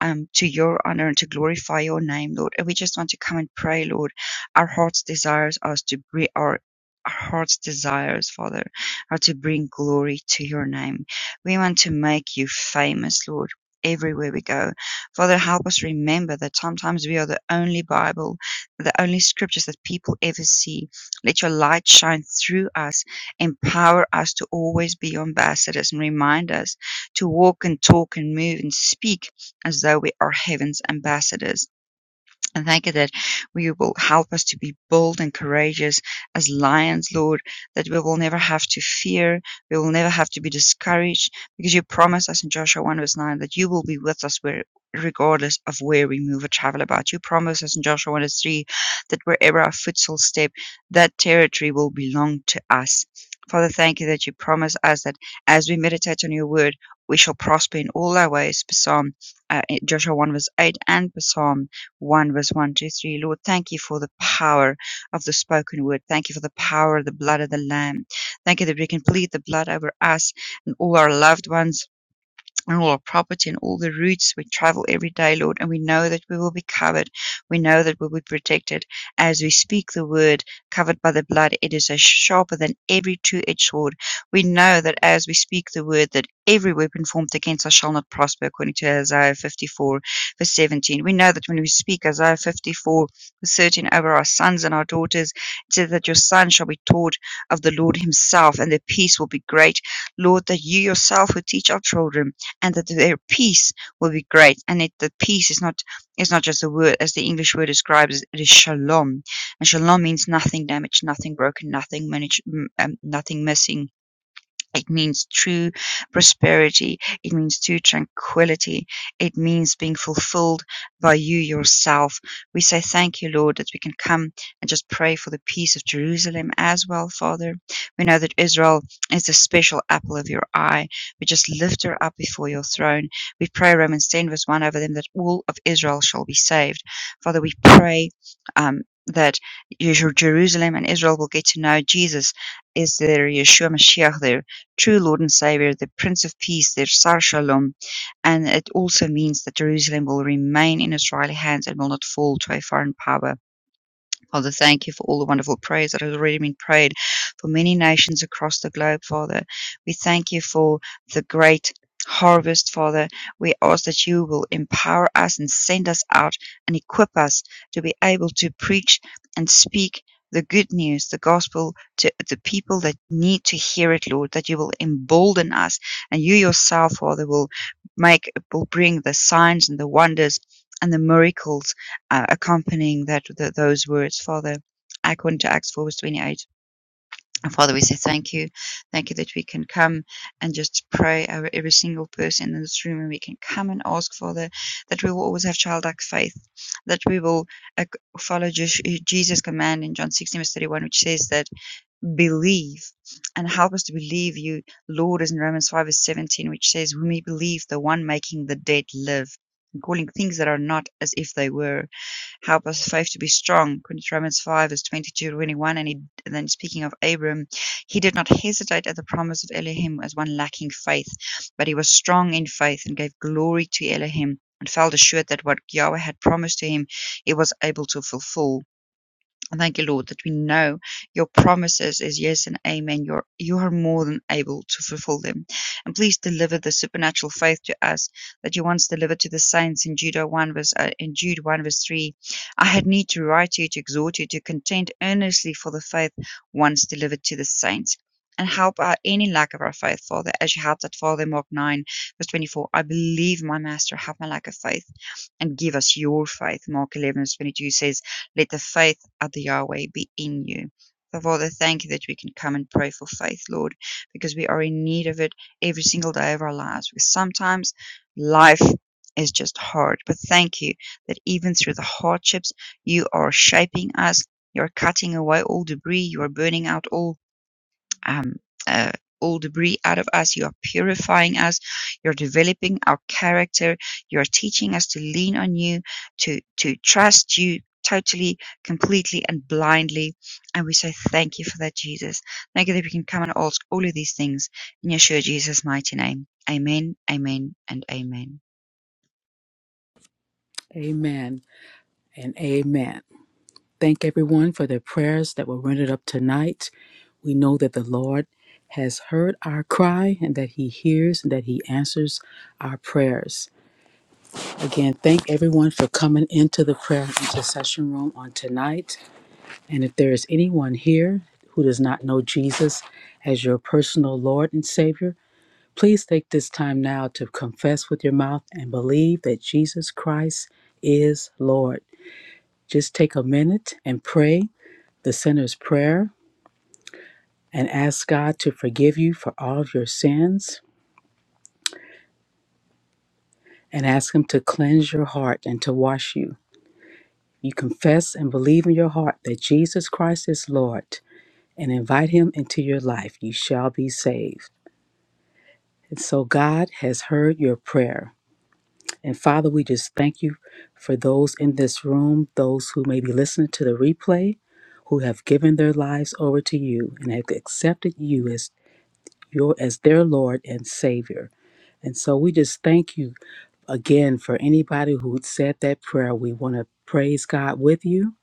Speaker 2: um, to your honor and to glorify your name, Lord. And we just want to come and pray, Lord. Our heart's desires us to bring our our heart's desires, Father, are to bring glory to your name. We want to make you famous, Lord, everywhere we go. Father, help us remember that sometimes we are the only Bible, the only scriptures that people ever see. Let your light shine through us, empower us to always be ambassadors, and remind us to walk and talk and move and speak as though we are heaven's ambassadors and thank you that we will help us to be bold and courageous as lions, Lord, that we will never have to fear. We will never have to be discouraged because you promised us in Joshua 1 verse 9 that you will be with us where regardless of where we move or travel about. You promised us in Joshua 1 verse 3 that wherever our foot shall step, that territory will belong to us. Father, thank you that you promise us that as we meditate on your word, we shall prosper in all our ways. Psalm, uh, Joshua 1 verse 8 and Psalm one verse 1 to 3. Lord, thank you for the power of the spoken word. Thank you for the power of the blood of the Lamb. Thank you that we can plead the blood over us and all our loved ones and all our property and all the routes we travel every day, Lord. And we know that we will be covered. We know that we'll be protected as we speak the word covered by the blood. It is a sharper than every two-edged sword. We know that as we speak the word that every weapon formed against us shall not prosper according to Isaiah 54 verse 17. We know that when we speak Isaiah 54 verse 13 over our sons and our daughters, it says that your son shall be taught of the Lord himself and the peace will be great. Lord, that you yourself will teach our children and that their peace will be great. And it that peace is not is not just a word, as the English word describes it is shalom. And shalom means nothing damaged, nothing broken, nothing managed, um, nothing missing. It means true prosperity. It means true tranquility. It means being fulfilled by you yourself. We say thank you, Lord, that we can come and just pray for the peace of Jerusalem as well, Father. We know that Israel is the special apple of your eye. We just lift her up before your throne. We pray, Romans 10, verse 1, over them that all of Israel shall be saved. Father, we pray um, that Jer- Jerusalem and Israel will get to know Jesus is their Yeshua Mashiach, their true Lord and Savior, the Prince of Peace, their Sar Shalom. And it also means that Jerusalem will remain in Israeli hands and will not fall to a foreign power. Father, thank you for all the wonderful prayers that has already been prayed for many nations across the globe, Father. We thank you for the great harvest, Father. We ask that you will empower us and send us out and equip us to be able to preach and speak the good news, the gospel to the people that need to hear it, Lord, that you will embolden us and you yourself, Father, will make, will bring the signs and the wonders and the miracles uh, accompanying that th- those words, Father. According to Acts 4 verse 28. And Father, we say thank you. Thank you that we can come and just pray over every single person in this room. And we can come and ask, Father, that we will always have childlike faith, that we will uh, follow Jesus' command in John 16, verse 31, which says that believe and help us to believe you, Lord, as in Romans 5, verse 17, which says, When we believe, the one making the dead live, and calling things that are not as if they were help us faith to be strong. Corinthians Romans 5, verse 22 to 21. And, he, and then speaking of Abram, he did not hesitate at the promise of Elohim as one lacking faith, but he was strong in faith and gave glory to Elohim and felt assured that what Yahweh had promised to him, he was able to fulfill. And thank you, Lord, that we know your promises is yes and amen. You're, you are more than able to fulfill them. And please deliver the supernatural faith to us that you once delivered to the saints in Jude 1 verse, uh, in Jude 1 verse 3. I had need to write to you to exhort you to contend earnestly for the faith once delivered to the saints. And help our any lack of our faith, Father, as you helped that Father in Mark 9, verse 24. I believe my master, help my lack of faith and give us your faith. Mark 11, verse 22 says, Let the faith at the Yahweh be in you. So, Father, thank you that we can come and pray for faith, Lord, because we are in need of it every single day of our lives. Because sometimes life is just hard. But thank you that even through the hardships, you are shaping us. You're cutting away all debris. You are burning out all um, uh, all debris out of us. You are purifying us. You're developing our character. You're teaching us to lean on you, to, to trust you totally, completely, and blindly. And we say thank you for that, Jesus. Thank you that we can come and ask all of these things in Yeshua Jesus' mighty name. Amen, amen, and amen.
Speaker 3: Amen and amen. Thank everyone for their prayers that were rendered up tonight. We know that the Lord has heard our cry and that He hears and that He answers our prayers. Again, thank everyone for coming into the prayer and intercession room on tonight. And if there is anyone here who does not know Jesus as your personal Lord and Savior, please take this time now to confess with your mouth and believe that Jesus Christ is Lord. Just take a minute and pray the sinner's prayer and ask God to forgive you for all of your sins and ask Him to cleanse your heart and to wash you. You confess and believe in your heart that Jesus Christ is Lord and invite Him into your life. You shall be saved. And so God has heard your prayer. And Father, we just thank you for those in this room, those who may be listening to the replay, who have given their lives over to you and have accepted you as you as their Lord and Savior. And so we just thank you again for anybody who said that prayer. We want to praise God with you.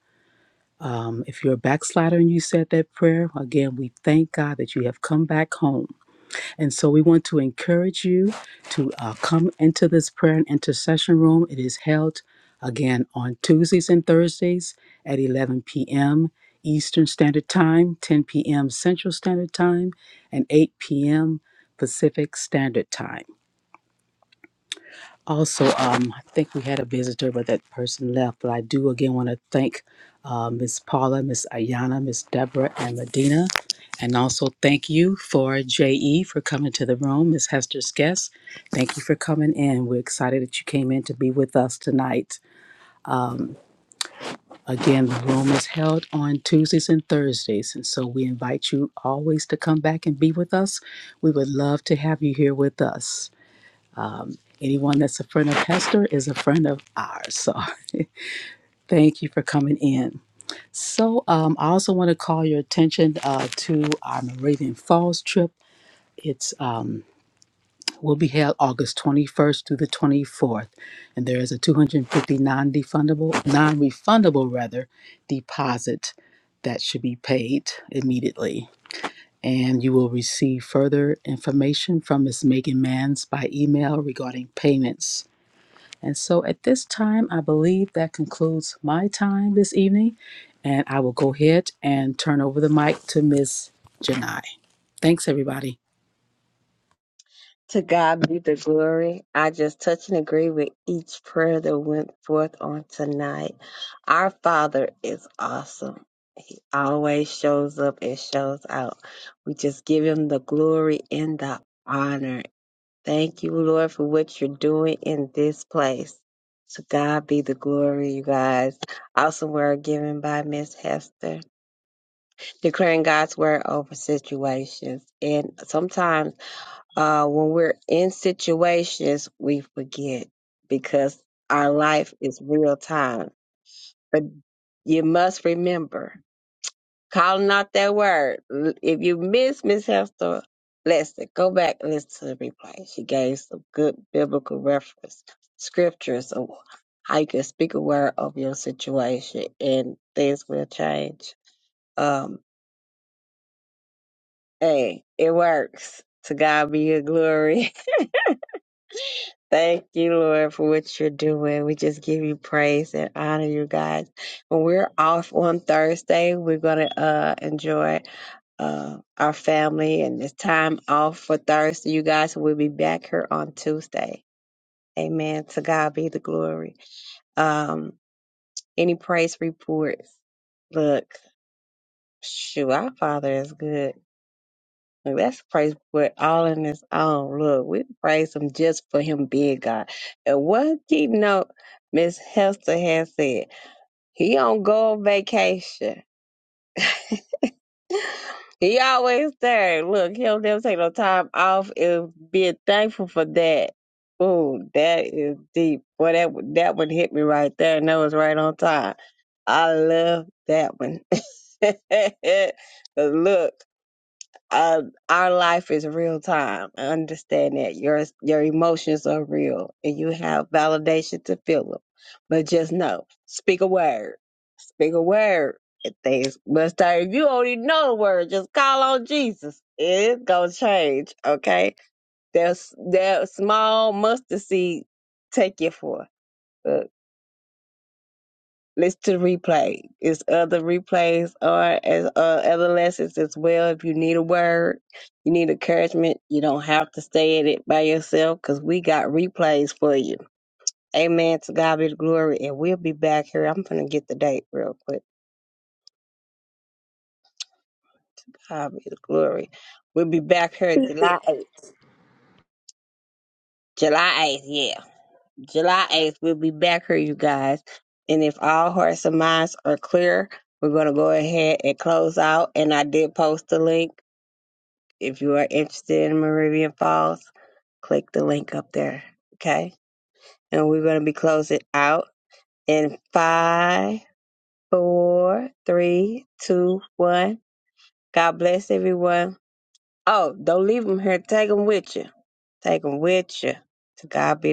Speaker 3: Um, if you're a backslider and you said that prayer, again, we thank God that you have come back home and so we want to encourage you to uh, come into this prayer and intercession room. It is held again on Tuesdays and Thursdays at 11 p.m. Eastern Standard Time, 10 p.m. Central Standard Time, and 8 p.m. Pacific Standard Time. Also, um, I think we had a visitor, but that person left. But I do again want to thank uh, Miss Paula, Miss Ayana, Miss Deborah, and Medina. And also thank you for JE for coming to the room, Miss Hester's guest. Thank you for coming in. We're excited that you came in to be with us tonight. Again, the room is held on Tuesdays and Thursdays. And so we invite you always to come back and be with us. We would love to have you here with us. Anyone that's a friend of Hester is a friend of ours. So Thank you for coming in. So, um, I also want to call your attention uh, to our Moravian Falls trip. It's um, will be held August 21st through the 24th, and there is a 250 non-refundable, non-refundable rather, deposit that should be paid immediately. And you will receive further information from Ms. Megan Manns by email regarding payments. And so at this time, I believe that concludes my time this evening. And I will go ahead and turn over the mic to Ms. Janai. Thanks, everybody.
Speaker 1: To God be the glory. I just touch and agree with each prayer that went forth on tonight. Our Father is awesome. Always shows up and shows out. We just give him the glory and the honor. Thank you, Lord, for what you're doing in this place. To God be the glory, you guys. Awesome word given by Miss Hester, declaring God's word over situations. And sometimes uh, when we're in situations, we forget because our life is real time. But you must remember calling out that word. L- If you miss Miss Hester, listen, go back and listen to the replay. She gave some good biblical reference, scriptures of how you can speak a word of your situation and things will change. Um, hey, it works. To God be your glory. Thank you, Lord, for what you're doing. We just give you praise and honor you guys. When we're off on Thursday, we're gonna uh enjoy uh our family and this time off for Thursday, you guys. We'll be back here on Tuesday. Amen. To God be the glory. Um, any praise reports? Look, shoot, our Father is good. Like, that's a praise report all in its own. Look, we praise him just for him being God. And one thing note, Miss Hester has said, he don't go on vacation. He always there. Look, he don't never take no time off and being thankful for that. Ooh, that is deep. Boy, that one- that one hit me right there, and that was right on time. I love that one. 'Cause look uh, our life is real time. I understand that your your emotions are real, and you have validation to feel them. But just know, speak a word, speak a word. and Things must start. If you don't even know the word, just call on Jesus. It's gonna change. Okay, there's that small mustard seed. Take it for listen to the replay. It's other replays or as uh, other lessons as well. If you need a word, you need encouragement, you don't have to stay in it by yourself because we got replays for you. Amen. To God be the glory. And we'll be back here. I'm going to get the date real quick. God be the glory. We'll be back here July 8th. July 8th, yeah. July 8th, we'll be back here, you guys. And if all hearts and minds are clear, we're going to go ahead and close out. And I did post the link If you are interested in Moravian Falls, click the link up there. Okay. And we're going to be closing out in five, four, three, two, one. God bless everyone. Oh, don't leave them here. Take them with you. Take them with you. To God be the